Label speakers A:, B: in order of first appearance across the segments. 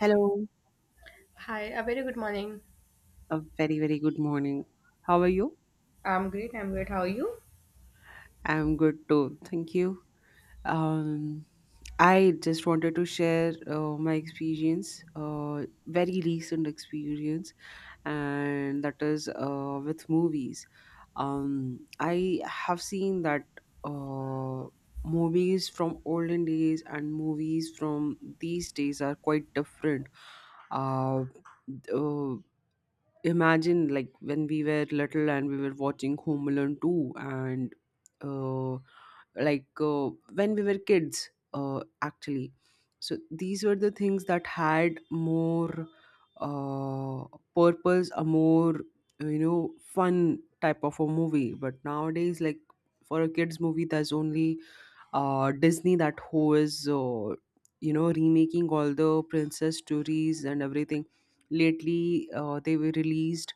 A: Hello,
B: Hi, a very good morning.
A: a very, very good morning. How are you?
B: I'm great. How are you?
A: I'm good too. Thank you. Um, I just wanted to share my experience, very recent experience, and that is with movies. I have seen that uh, movies from olden days and movies from these days are quite different. Uh, uh, imagine like when we were little and we were watching Home Alone 2 and uh, like when we were kids actually, so these were the things that had more uh, purpose, a more fun type of a movie, but nowadays, like for a kids movie there's only Disney that who is you know remaking all the princess stories and everything. Lately, they were released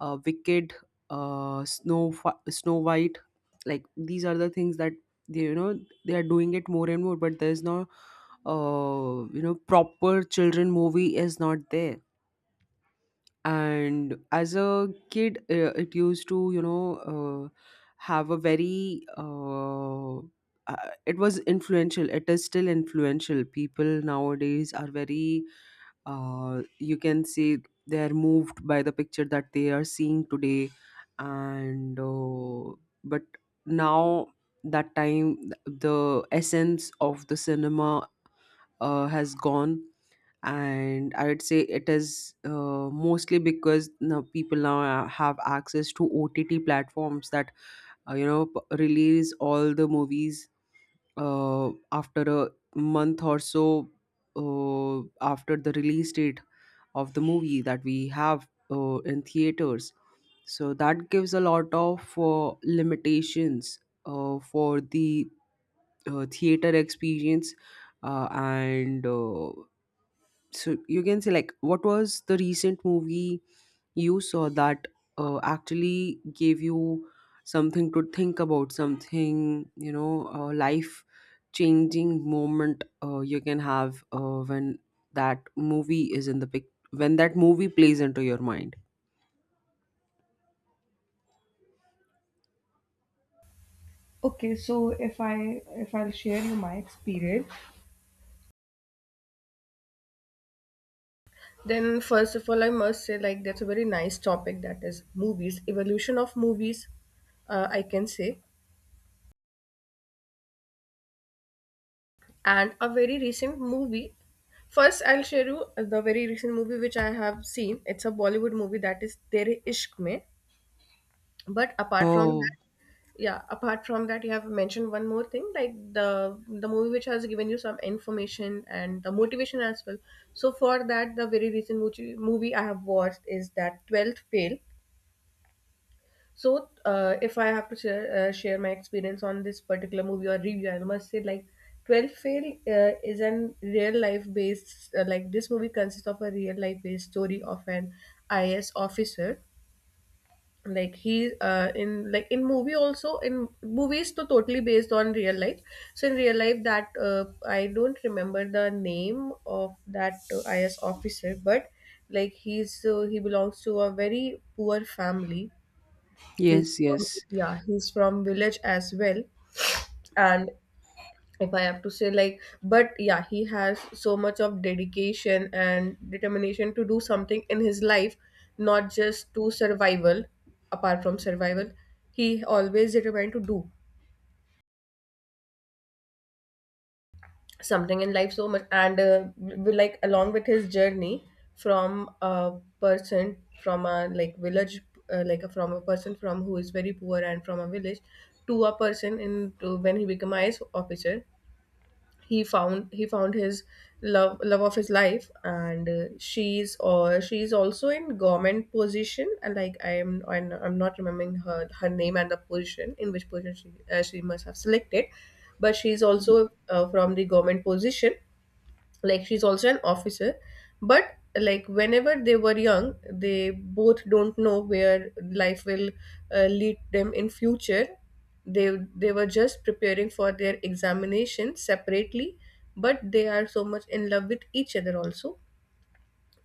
A: Wicked, Snow White. Like these are the things that they you know they are doing it more and more, but there's no you know proper children movie is not there. And as a kid it used to you know uh, have a very it was influential, it is still influential. People nowadays are very you can say they are moved by the picture that they are seeing today, and but now that time the essence of the cinema has gone. And I would say it is mostly because now people now have access to OTT platforms that you know release all the movies after a month or so, after the release date of the movie that we have in theaters. So that gives a lot of limitations for the theater experience. And so you can say, like, what was the recent movie you saw that actually gave you something to think about, something you know a life changing moment you can have when that movie is in the pic, when that movie plays into your mind.
B: Okay, so if I'll share you my experience. Then, first of all, I must say, like, that's a very nice topic, that is movies, evolution of movies, I can say, and a very recent movie. First, I'll share you the very recent movie which I have seen. It's a Bollywood movie that is Tere Ishq Mein. But apart from
A: Oh,
B: that, yeah, apart from that, you have mentioned one more thing, like the movie which has given you some information and the motivation as well. So for that, the very recent movie, I have watched is that 12th fail. So if I have to share my experience on this particular movie or review, I must say, like, 12th fail is an real life based like this movie consists of a real life based story of an IAS officer. Like he in like in movie also, in movies, to totally based on real life. So in real life, that I don't remember the name of that is officer, but like he belongs to a very poor family. He's
A: yes,
B: from,
A: yes,
B: yeah, he's from village as well. And if I have to say, like, but yeah, he has so much of dedication and determination to do something in his life, not just to survival, apart from survival. He always determined to do something in life so much. And like, along with his journey from a person from a like village, like a, from a person from who is very poor and from a village, to a person in to when he become IS officer, he found his love of his life. And she's, or she's also in government position. And like I'm not remembering her name and the position, in which position she must have selected. But she's also from the government position, like she's also an officer. But like whenever they were young, they both don't know where life will lead them in future. They were just preparing for their examination separately, but they are so much in love with each other also.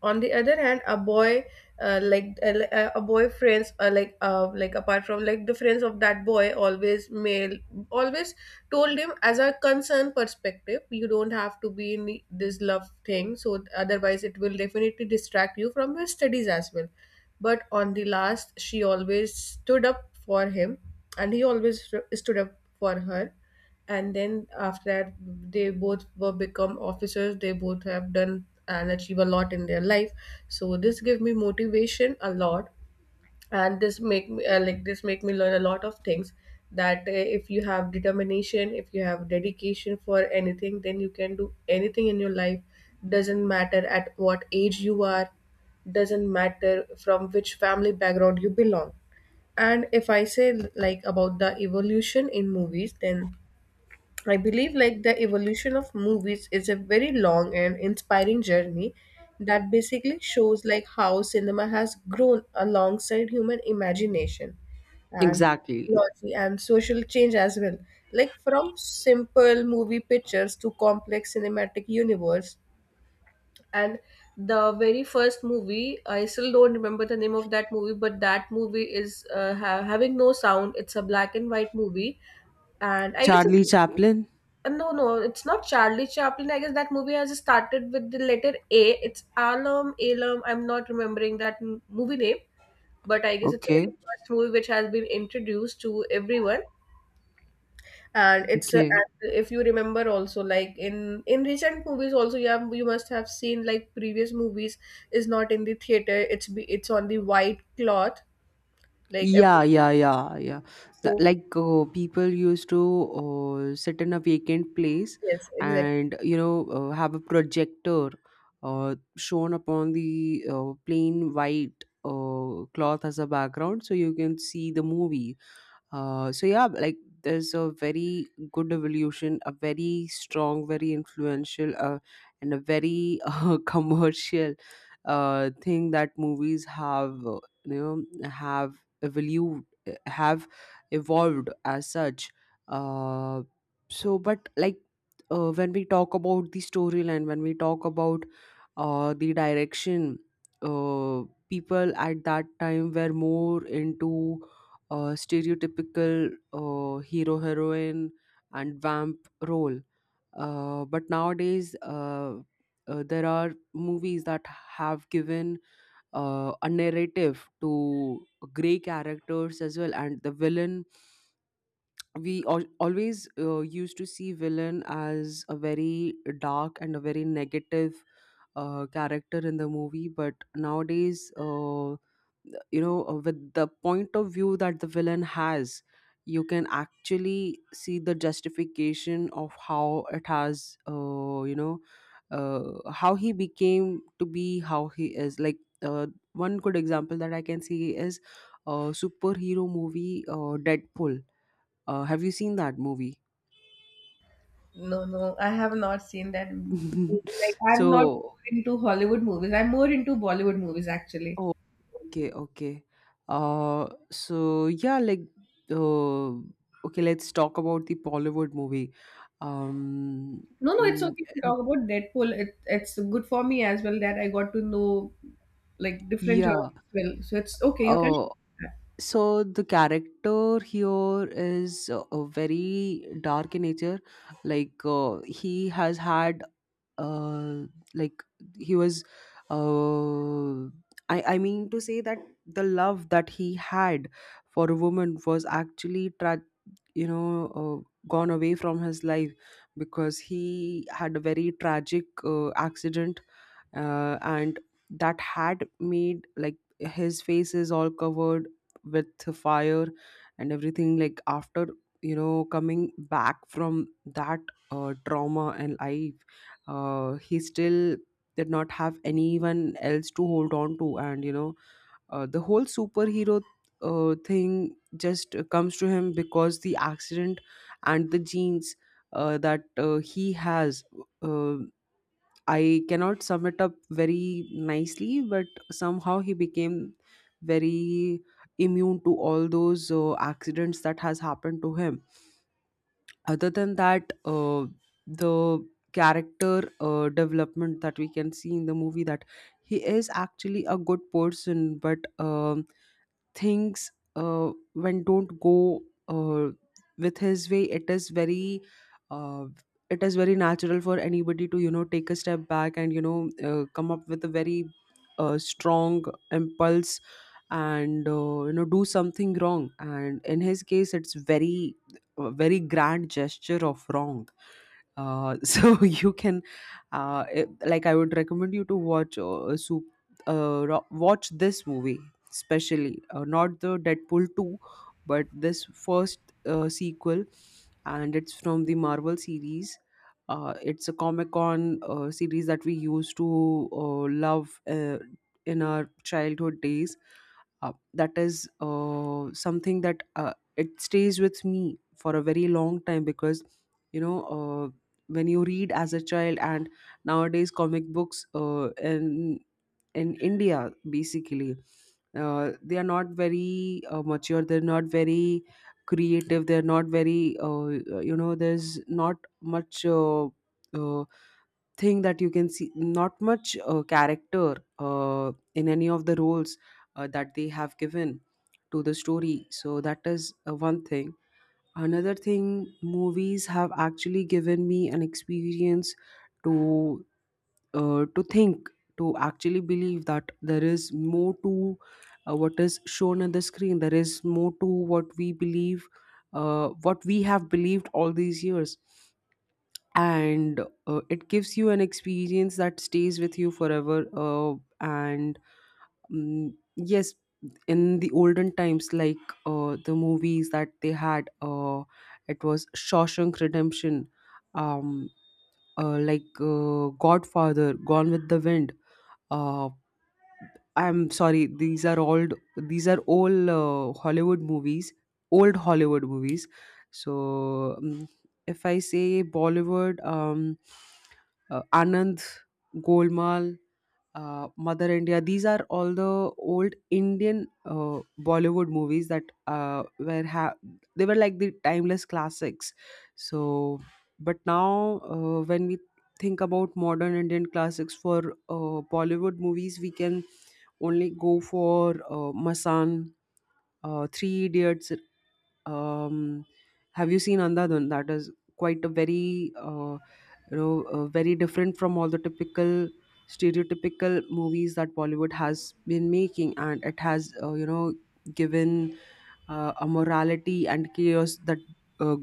B: On the other hand, a boy, a boy friends, like apart from like the friends of that boy, always male, always told him as a concern perspective, you don't have to be in this love thing, so otherwise it will definitely distract you from your studies as well. But on the last, she always stood up for him and he always stood up for her. And then after that, they both were become officers. They both have done and achieve a lot in their life. So this give me motivation a lot, and this make me like this make me learn a lot of things, that if you have determination, if you have dedication for anything, then you can do anything in your life. Doesn't matter at what age you are, doesn't matter from which family background you belong. And if I say, like, about the evolution in movies, then I believe like the evolution of movies is a very long and inspiring journey that basically shows like how cinema has grown alongside human imagination and
A: exactly.
B: technology and social change as well. Like from simple movie pictures to complex cinematic universe. And the very first movie, I still don't remember the name of that movie, but that movie is having no sound. It's a black and white movie, and I guess
A: Charlie Chaplin.
B: no, no, it's not Charlie Chaplin. I guess that movie has started with the letter A. It's Alum, Alum. I'm not remembering that movie name, but I guess it's a very
A: Okay,
B: first movie which has been introduced to everyone. And it's
A: okay.
B: and if you remember also, like in recent movies also, you have, you must have seen, like previous movies is not in the theater. It's be, it's on the white cloth, like every,
A: Yeah, yeah, yeah, yeah. The,
B: so
A: like people used to sit in a vacant place
B: yes, exactly.
A: and you know have a projector shown upon the plain white cloth as a background, so you can see the movie. So yeah, like there's a very good evolution, a very strong, very influential, and a very commercial thing that movies have, evolved, have evolved as such. Uh, so, but like when we talk about the storyline, when we talk about the direction, uh, people at that time were more into stereotypical hero, heroine and vamp role. But nowadays there are movies that have given a narrative to gray characters as well. And the villain, we always used to see villain as a very dark and a very negative character in the movie. But nowadays you know with the point of view that the villain has, you can actually see the justification of how it has you know how he became to be how he is. Like uh, one good example that I can see is superhero movie Deadpool. Have you seen that movie?
B: No, no, I have not seen that movie. Like, I'm not
A: So
B: into Hollywood movies. I'm more into Bollywood movies, actually.
A: Oh, okay, okay. So yeah, like, uh, okay, let's talk about the Bollywood movie. Um,
B: No, no, it's
A: mm,
B: okay to talk about Deadpool. It's good for me as well that I got to know like different genres
A: yeah.
B: as well. So it's okay. You can.
A: Uh, so the character here is very dark in nature. Like, he has had, uh, like, he was, uh, I mean to say that the love that he had for a woman was actually tra you know, gone away from his life because he had a very tragic accident, and that had made like his face is all covered with fire and everything. Like after you know coming back from that trauma and life, he still did not have anyone else to hold on to, and you know the whole superhero thing just comes to him because the accident and the genes that he has. Uh, I cannot sum it up very nicely, but somehow he became very immune to all those accidents that has happened to him. Other than that, the character development that we can see in the movie that he is actually a good person, but things when don't go uh, with his way, uh, it is very natural for anybody to you know take a step back and you know come up with a very strong impulse and you know do something wrong, and in his case it's very a very grand gesture of wrong. So you can like I would recommend you to watch watch this movie, especially not the Deadpool 2, but this first sequel. And it's from the Marvel series. It's a Comic Con series that we used to love in our childhood days. That is something that it stays with me for a very long time because you know when you read as a child, and nowadays comic books in India basically, they are not very mature, they're not very creative, they're not very you know, there's not much uh, thing that you can see, not much character in any of the roles that they have given to the story. So that is one thing. Another thing, movies have actually given me an experience to to think, to actually believe that there is more to what is shown on the screen, there is more to what we believe, what we have believed all these years. And it gives you an experience that stays with you forever. And Mm, yes. In the olden times, like the movies that they had, it was Shawshank Redemption, um, like Godfather, Gone with the Wind, uh, I'm sorry, these are old, these are all Hollywood movies, old Hollywood movies. So if I say Bollywood, Anand, Golmaal, Mother India. These are all the old Indian Bollywood movies that they were like the timeless classics. So, but now when we think about modern Indian classics for Bollywood movies, we can only go for Masan, Three Idiots, um have you seen Andhadhun? That is quite a very you know very different from all the typical stereotypical movies that Bollywood has been making. And it has you know given a morality and chaos that uh,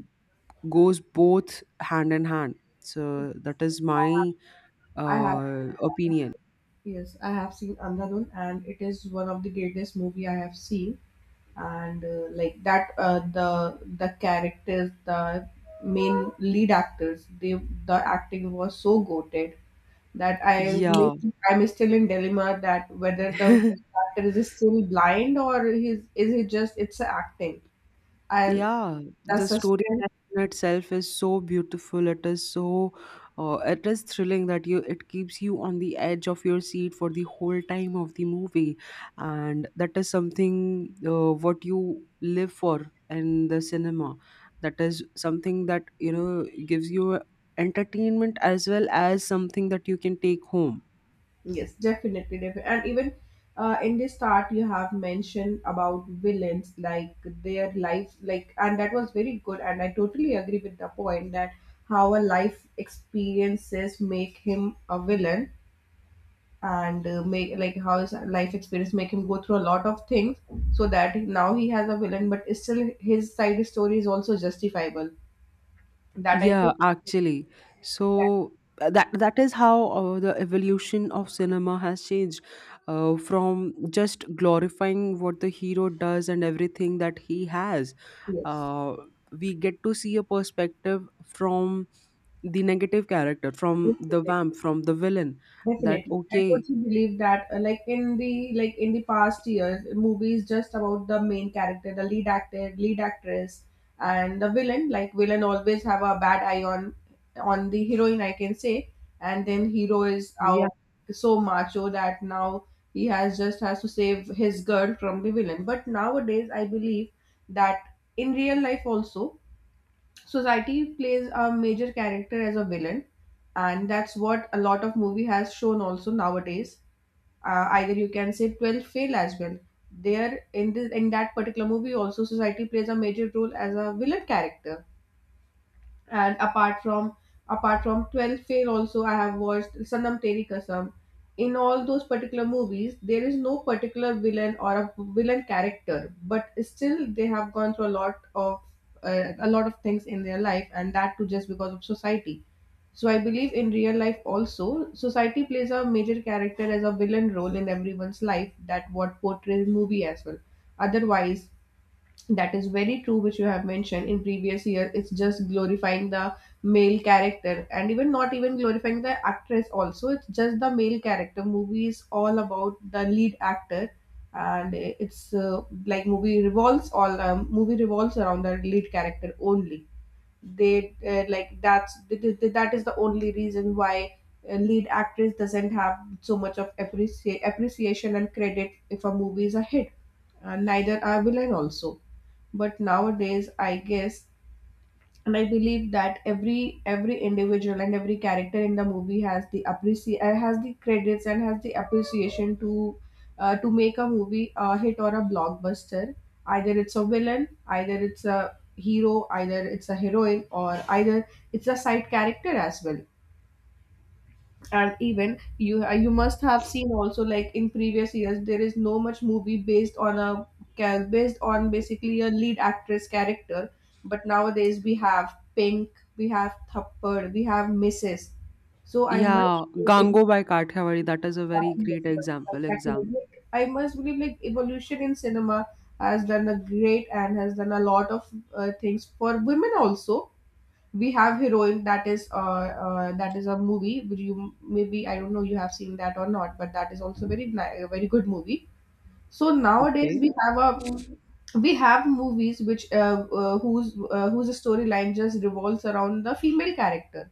A: goes both hand in hand. So that is my
B: I have. I have seen
A: opinion.
B: that. Yes, I have seen Andhadhun, and it is one of the greatest movie I have seen. And like that the characters, the main lead actors, they, the acting was so goated, that I may,
A: Yeah.
B: I'm still in dilemma that whether the actor is still blind, or he's is he just, it's a acting, i,
A: Yeah,
B: the
A: the story
B: suspense.
A: in itself is so beautiful. It is so, it is thrilling that you, it keeps you on the edge of your seat for the whole time of the movie, and that is something what you live for in the cinema. That is something that you know gives you entertainment as well as something that you can take home.
B: Yes, definitely, definitely. And even in the start, you have mentioned about villains, like their life, like, and that was very good. And I totally agree with the point that how a life experiences make him a villain, and make, like, how his life experience make him go through a lot of things, so that now he has a villain, but still his side story is also justifiable. That I
A: Yeah,
B: took
A: actually.
B: that,
A: So that that is how the evolution of cinema has changed from just glorifying what the hero does and everything that he has.
B: yes.
A: Uh, we get to see a perspective from the negative character, from the vamp, from the villain. That
B: Definitely, I
A: okay,
B: totally believe that. Like in the like in the past years, movies just about the main character, the lead actor, lead actress, and the villain. Like villain always have a bad eye on the heroine, I can say. And then hero is
A: yeah,
B: out so macho that now he has just has to save his girl from the villain. But nowadays, I believe that in real life also society plays a major character as a villain, and that's what a lot of movie has shown also nowadays. Either you can say 12 fail as well. There in this in that particular movie also, society plays a major role as a villain character. And apart from 12 fail also, I have watched Sanam Teri Kasam. In all those particular movies, there is no particular villain or a villain character, but still they have gone through a lot of a lot of things in their life, and that too just because of society. So I believe in real life also, society plays a major character as a villain role in everyone's life, that what portrays movie as well. Otherwise, that is very true, which you have mentioned in previous year. It's just glorifying the male character, and even not even glorifying the actress also. It's just the male character. Movie is all about the lead actor. And it's like movie revolves around the lead character only. They Like that is the only reason why a lead actress doesn't have so much of appreciate appreciation and credit if a movie is a hit, and neither are villain also. But nowadays I guess, and I believe, that every individual and every character in the movie has the has the credits and has the appreciation to make a movie a hit or a blockbuster. Either it's a villain, either it's a hero, either it's a heroine, or either it's a side character as well. And even you, you must have seen also, like in previous years, there is no much movie based on a based on basically a lead actress character. But nowadays we have Pink, we have Thappad, we have Mrs. So I must
A: yeah.
B: say
A: Gango by Kathiawadi. That is a very great example. Exam.
B: like, I must believe, like, evolution in cinema has done a great and has done a lot of things for women also. We have Heroine, that is a movie which you, maybe I don't know you have seen that or not, but that is also a very good movie. So nowadays
A: Okay.
B: we have a, we have movies which whose storyline just revolves around the female character.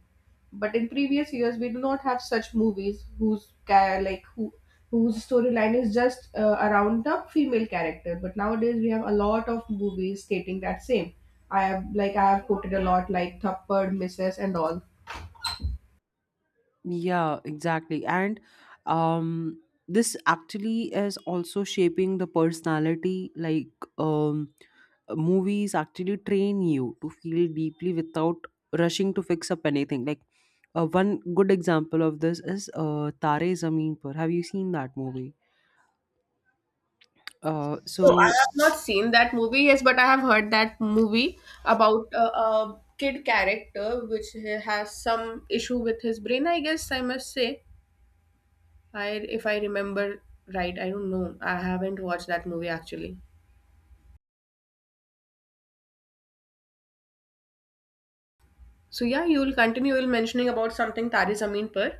B: But in previous years, we do not have such movies whose like who, whose storyline is just around the female character. But nowadays we have a lot of movies stating that same. I have, like I have quoted a lot, like Thappad, Misses and all.
A: Yeah, exactly. And um this actually is also shaping the personality, like um movies actually train you to feel deeply without rushing to fix up anything. Like one good example of this is Tare Zameen Par. Have you seen that movie?
B: No, I
A: So
B: have not seen that movie, yes, but I have heard that movie about a kid character which he has some issue with his brain, I guess I must say. I, if I remember right, I don't know. I haven't watched that movie actually. So yeah, you will continue, You will mentioning about something Tari Zameen Par.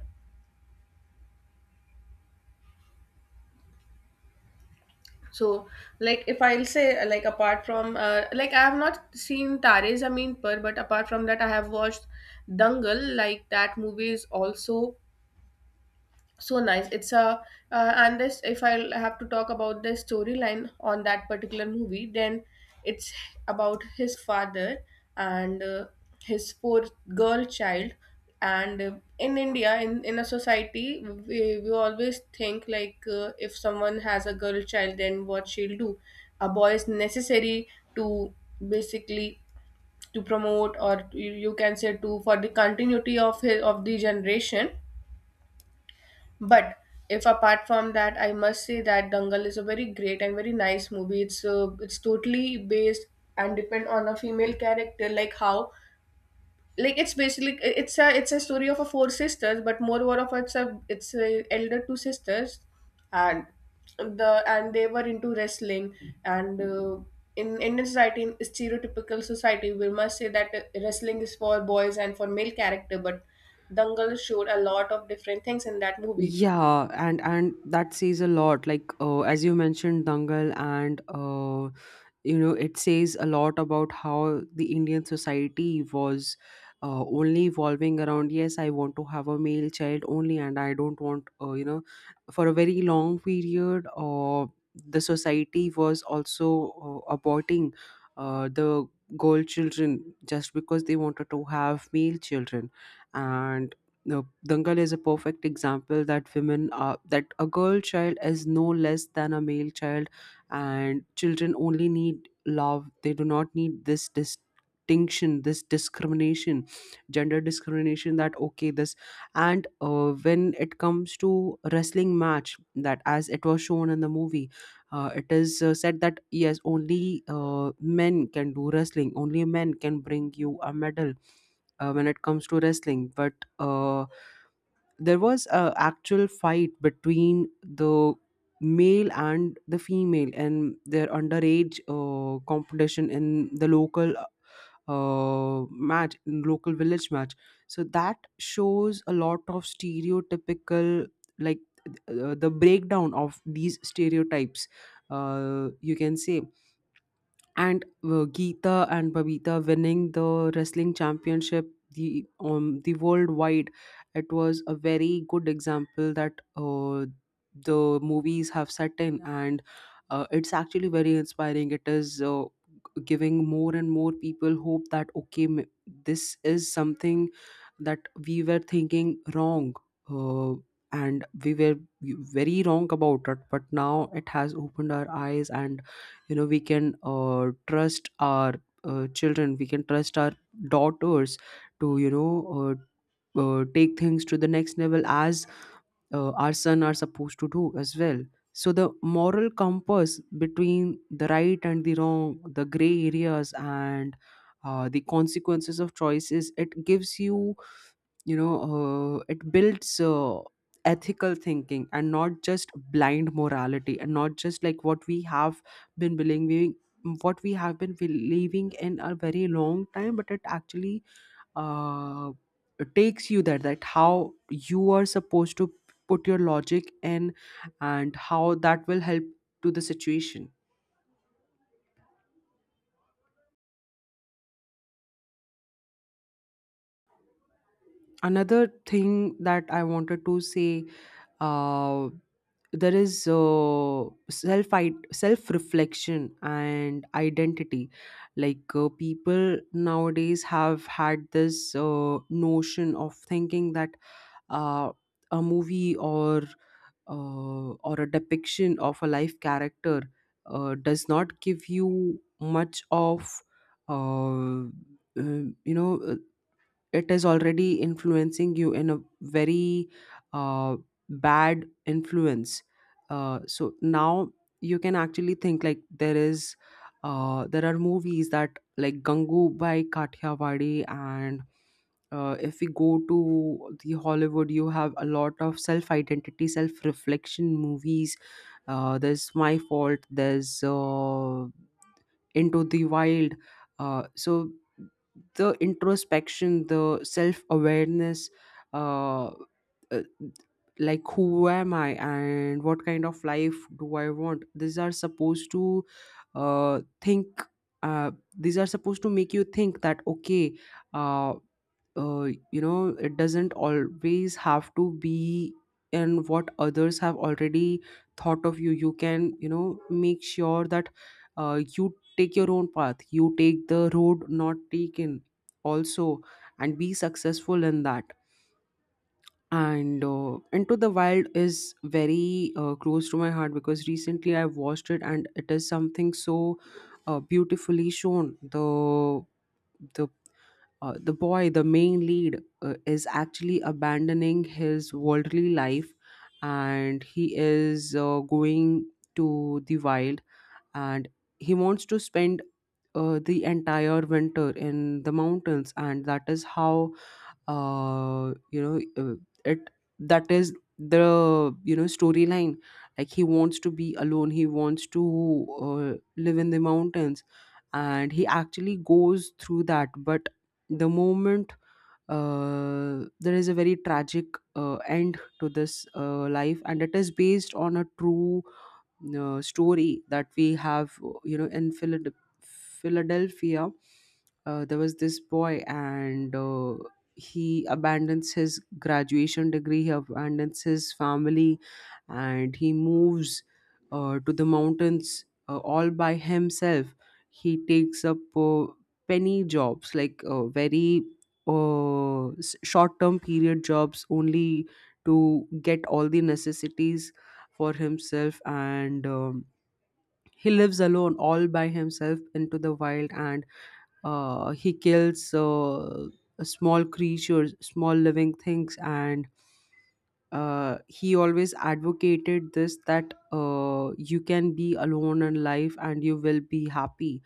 B: So like if I'll say like apart from like I have not seen Tare Zameen Par, but apart from that I have watched Dangal. Like that movie is also so nice. It's a uh, and this if i have to talk about the storyline on that particular movie, then it's about his father, and his poor girl child. And in India, in a society, we always think, like, if someone has a girl child, then what she'll do? A boy is necessary to basically, to promote, or you can say, to, for the continuity of his, of the generation. But if apart from that, I must say that Dangal is a very great and very nice movie. It's totally based and depend on a female character, like how, like it's basically, it's a story of a four sisters, but moreover of it's a elder two sisters, and the and they were into wrestling. And. In Indian society, in stereotypical society, we must say that wrestling is for boys and for male character, but Dangal showed a lot of different things in that movie.
A: Yeah, and that says a lot. Like as you mentioned, Dangal, and you know, it says a lot about how the Indian society was only evolving around. Yes, I want to have a male child only, and I don't want you know, for a very long period. The society was also aborting the girl children just because they wanted to have male children. And no, Dangal is a perfect example that women are, that a girl child is no less than a male child, and children only need love. They do not need this distinction, this discrimination, gender discrimination. That okay, this and when it comes to wrestling match, that as it was shown in the movie, it is said that yes, only men can do wrestling. Only men can bring you a medal when it comes to wrestling, but uh, there was a actual fight between the male and the female and their underage competition in the local match, in local village match. So that shows a lot of stereotypical, like the breakdown of these stereotypes, you can say. And Geeta and Babita winning the wrestling championship, the worldwide, it was a very good example that the movies have set in. And it's actually very inspiring. It is giving more and more people hope that okay, this is something that we were thinking wrong. uh, and we were very wrong about it, but now it has opened our eyes. And you know, we can trust our children. We can trust our daughters to, you know, uh, take things to the next level as our son are supposed to do as well. So the moral compass between the right and the wrong, the gray areas, and the consequences of choices it gives you, you know, it builds ethical thinking and not just blind morality, and not just like what we have been believing, in a very long time. But it actually uh, takes you there, that how you are supposed to put your logic in and how that will help to the situation. Another thing that I wanted to say, uh, there is self reflection and identity. People nowadays have had this notion of thinking that uh, a movie or or a depiction of a life character does not give you much of, uh, uh, you know uh, it is already influencing you in a very uh, bad influence. So now you can actually think, like, there is there are movies that, like, Gangu by Kathiawadi, and if we go to the Hollywood, you have a lot of self-identity, self-reflection movies. There's My Fault. There's Into the Wild. So the introspection, the self awareness, uh, uh, like who am I and what kind of life do I want, these are supposed to think uh, these are supposed to make you think that okay, uh, you know, it doesn't always have to be in what others have already thought of you. You can, you know, make sure that you take your own path, you take the road not taken also, and be successful in that. And Into the Wild is very close to my heart because recently I watched it, and it is something so beautifully shown. The the boy, the main lead, is actually abandoning his worldly life, and he is going to the wild. And he wants to spend the entire winter in the mountains, and that is how, you know it that is the, you know, storyline. Like, he wants to be alone, he wants to live in the mountains. And he actually goes through that. But the moment, there is a very tragic end to this life, and it is based on a true story that we have, you know, in Philadelphia. There was this boy, and he abandons his graduation degree, he abandons his family, and he moves to the mountains all by himself. He takes up penny jobs, like, very uh, short-term period jobs, only to get all the necessities for himself. And he lives alone all by himself into the wild. And he kills small creatures, small living things. And he always advocated this, that you can be alone in life and you will be happy.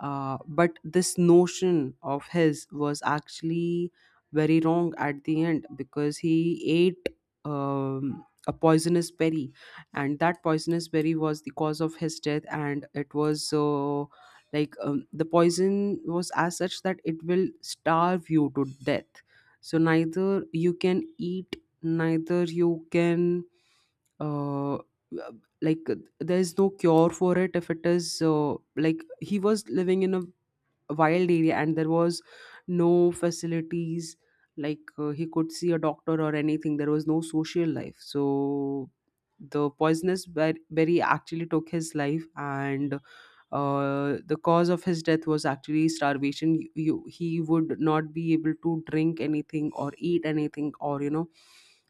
A: But this notion of his was actually very wrong at the end, because he ate a poisonous berry, and that poisonous berry was the cause of his death. And it was, the poison was as such that it will starve you to death. So neither you can eat, neither you can, uh, like there's no cure for it. If it is, he was living in a wild area and there was no facilities, like, he could see a doctor or anything. There was no social life. So the poisonous berry actually took his life. And the cause of his death was actually starvation. He would not be able to drink anything or eat anything, or, you know,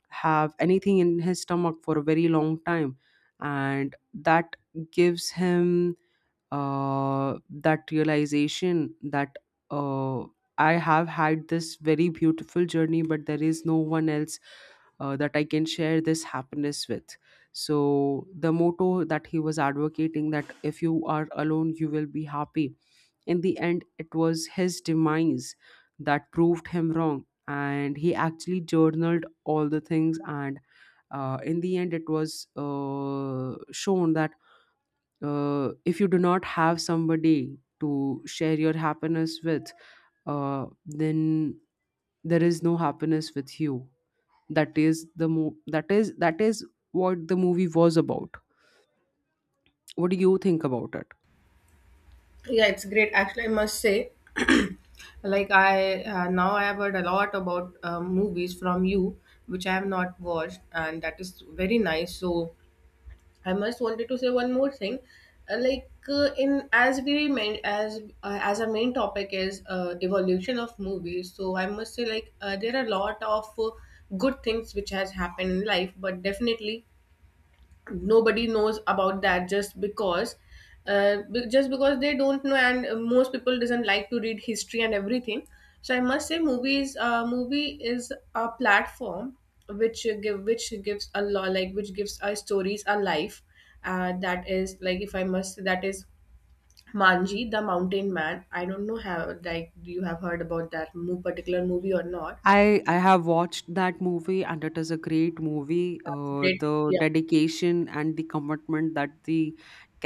A: have anything in his stomach for a very long time. And that gives him that realization, that uh, I have had this very beautiful journey, but there is no one else that I can share this happiness with. So the motto that he was advocating, that if you are alone, you will be happy, in the end, it was his demise that proved him wrong. And he actually journaled all the things, and in the end, it was shown that if you do not have somebody to share your happiness with, then there is no happiness with you. That is the that is what the movie was about. What do you think about it?
B: Yeah, it's great. Actually, I must say, like, I now I have heard a lot about movies from you, which I have not watched, and that is very nice. So I must wanted to say one more thing. Like, in as we main as our main topic is evolution of movies. So I must say, like, there are a lot of good things which has happened in life, but definitely nobody knows about that, just because they don't know, and most people doesn't like to read history and everything. So I must say, movies, movie is a platform which gives a lot, like, which gives our stories a life. That is, like, if I must say, that is Manji the Mountain Man. I don't know how, like, do you have heard about particular movie or not?
A: I have watched that movie and it is a great movie.
B: Great.
A: The dedication and the commitment that the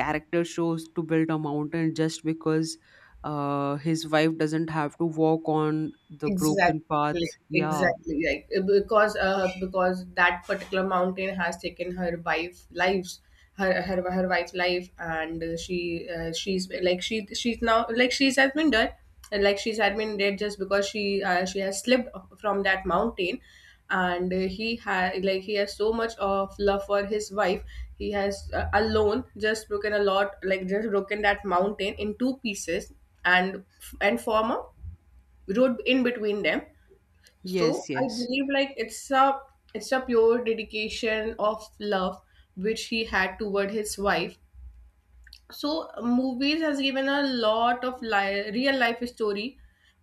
A: character shows to build a mountain, just because his wife doesn't have to walk on the broken
B: Exactly,
A: path. Yeah.
B: exactly. Like, because, because that particular mountain has taken her wife lives, her wife's life, and she she's like, she's now, like, she's has been dead, and, like, she's had been dead just because she has slipped from that mountain, and he had like he has so much of love for his wife. He has alone just broken a lot, like just broken that mountain in two pieces, and form a road in between them. So
A: Yes,
B: I
A: yes.
B: believe, like, it's a pure dedication of love which he had toward his wife. So movies has given a lot of real life story,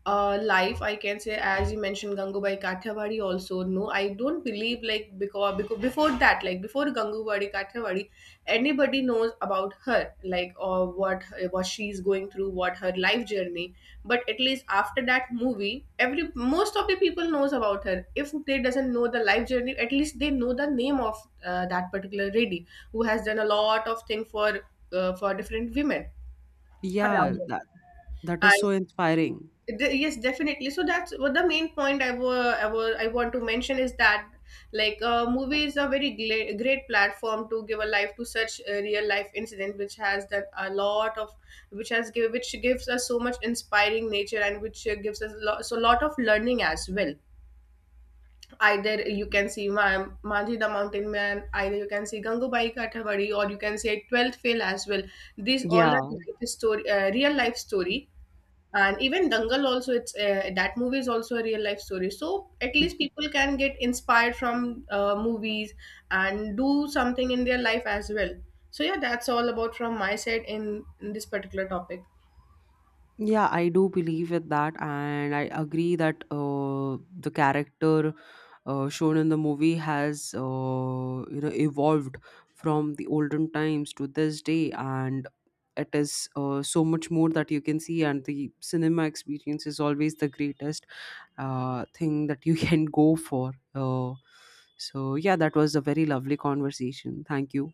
B: life, I can say, as you mentioned, Gangubai Kathiawadi also. No, I don't believe, like, because before that, like before Gangubai Kathiawadi, anybody knows about her, like, or what she's going through, what her life journey. But at least after that movie, every most of the people knows about her. If they doesn't know the life journey, at least they know the name of that particular lady who has done a lot of thing for, different women
A: Yeah,
B: around.
A: that that is so inspiring.
B: Yes, definitely. So that's what the main point I want to mention is that, like, movie is a very great platform to give a life to such a real life incident which has that a lot of, which gives us so much inspiring nature, and which gives us, so lot of learning as well. Either you can see Manji the Mountain Man, either you can see Gangubai Kathavadi, or you can say 12th Fail as well. These all are
A: Yeah.
B: life story, real life story. And even Dangal also, it's that movie is also a real life story. So at least people can get inspired from movies, and do something in their life as well. So yeah, that's all about from my side in this particular topic.
A: Yeah, I do believe with that, and I agree that the character shown in the movie has, you know, evolved from the olden times to this day. And it is so much more that you can see, and the cinema experience is always the greatest thing that you can go for. So yeah, that was a very lovely conversation. Thank you.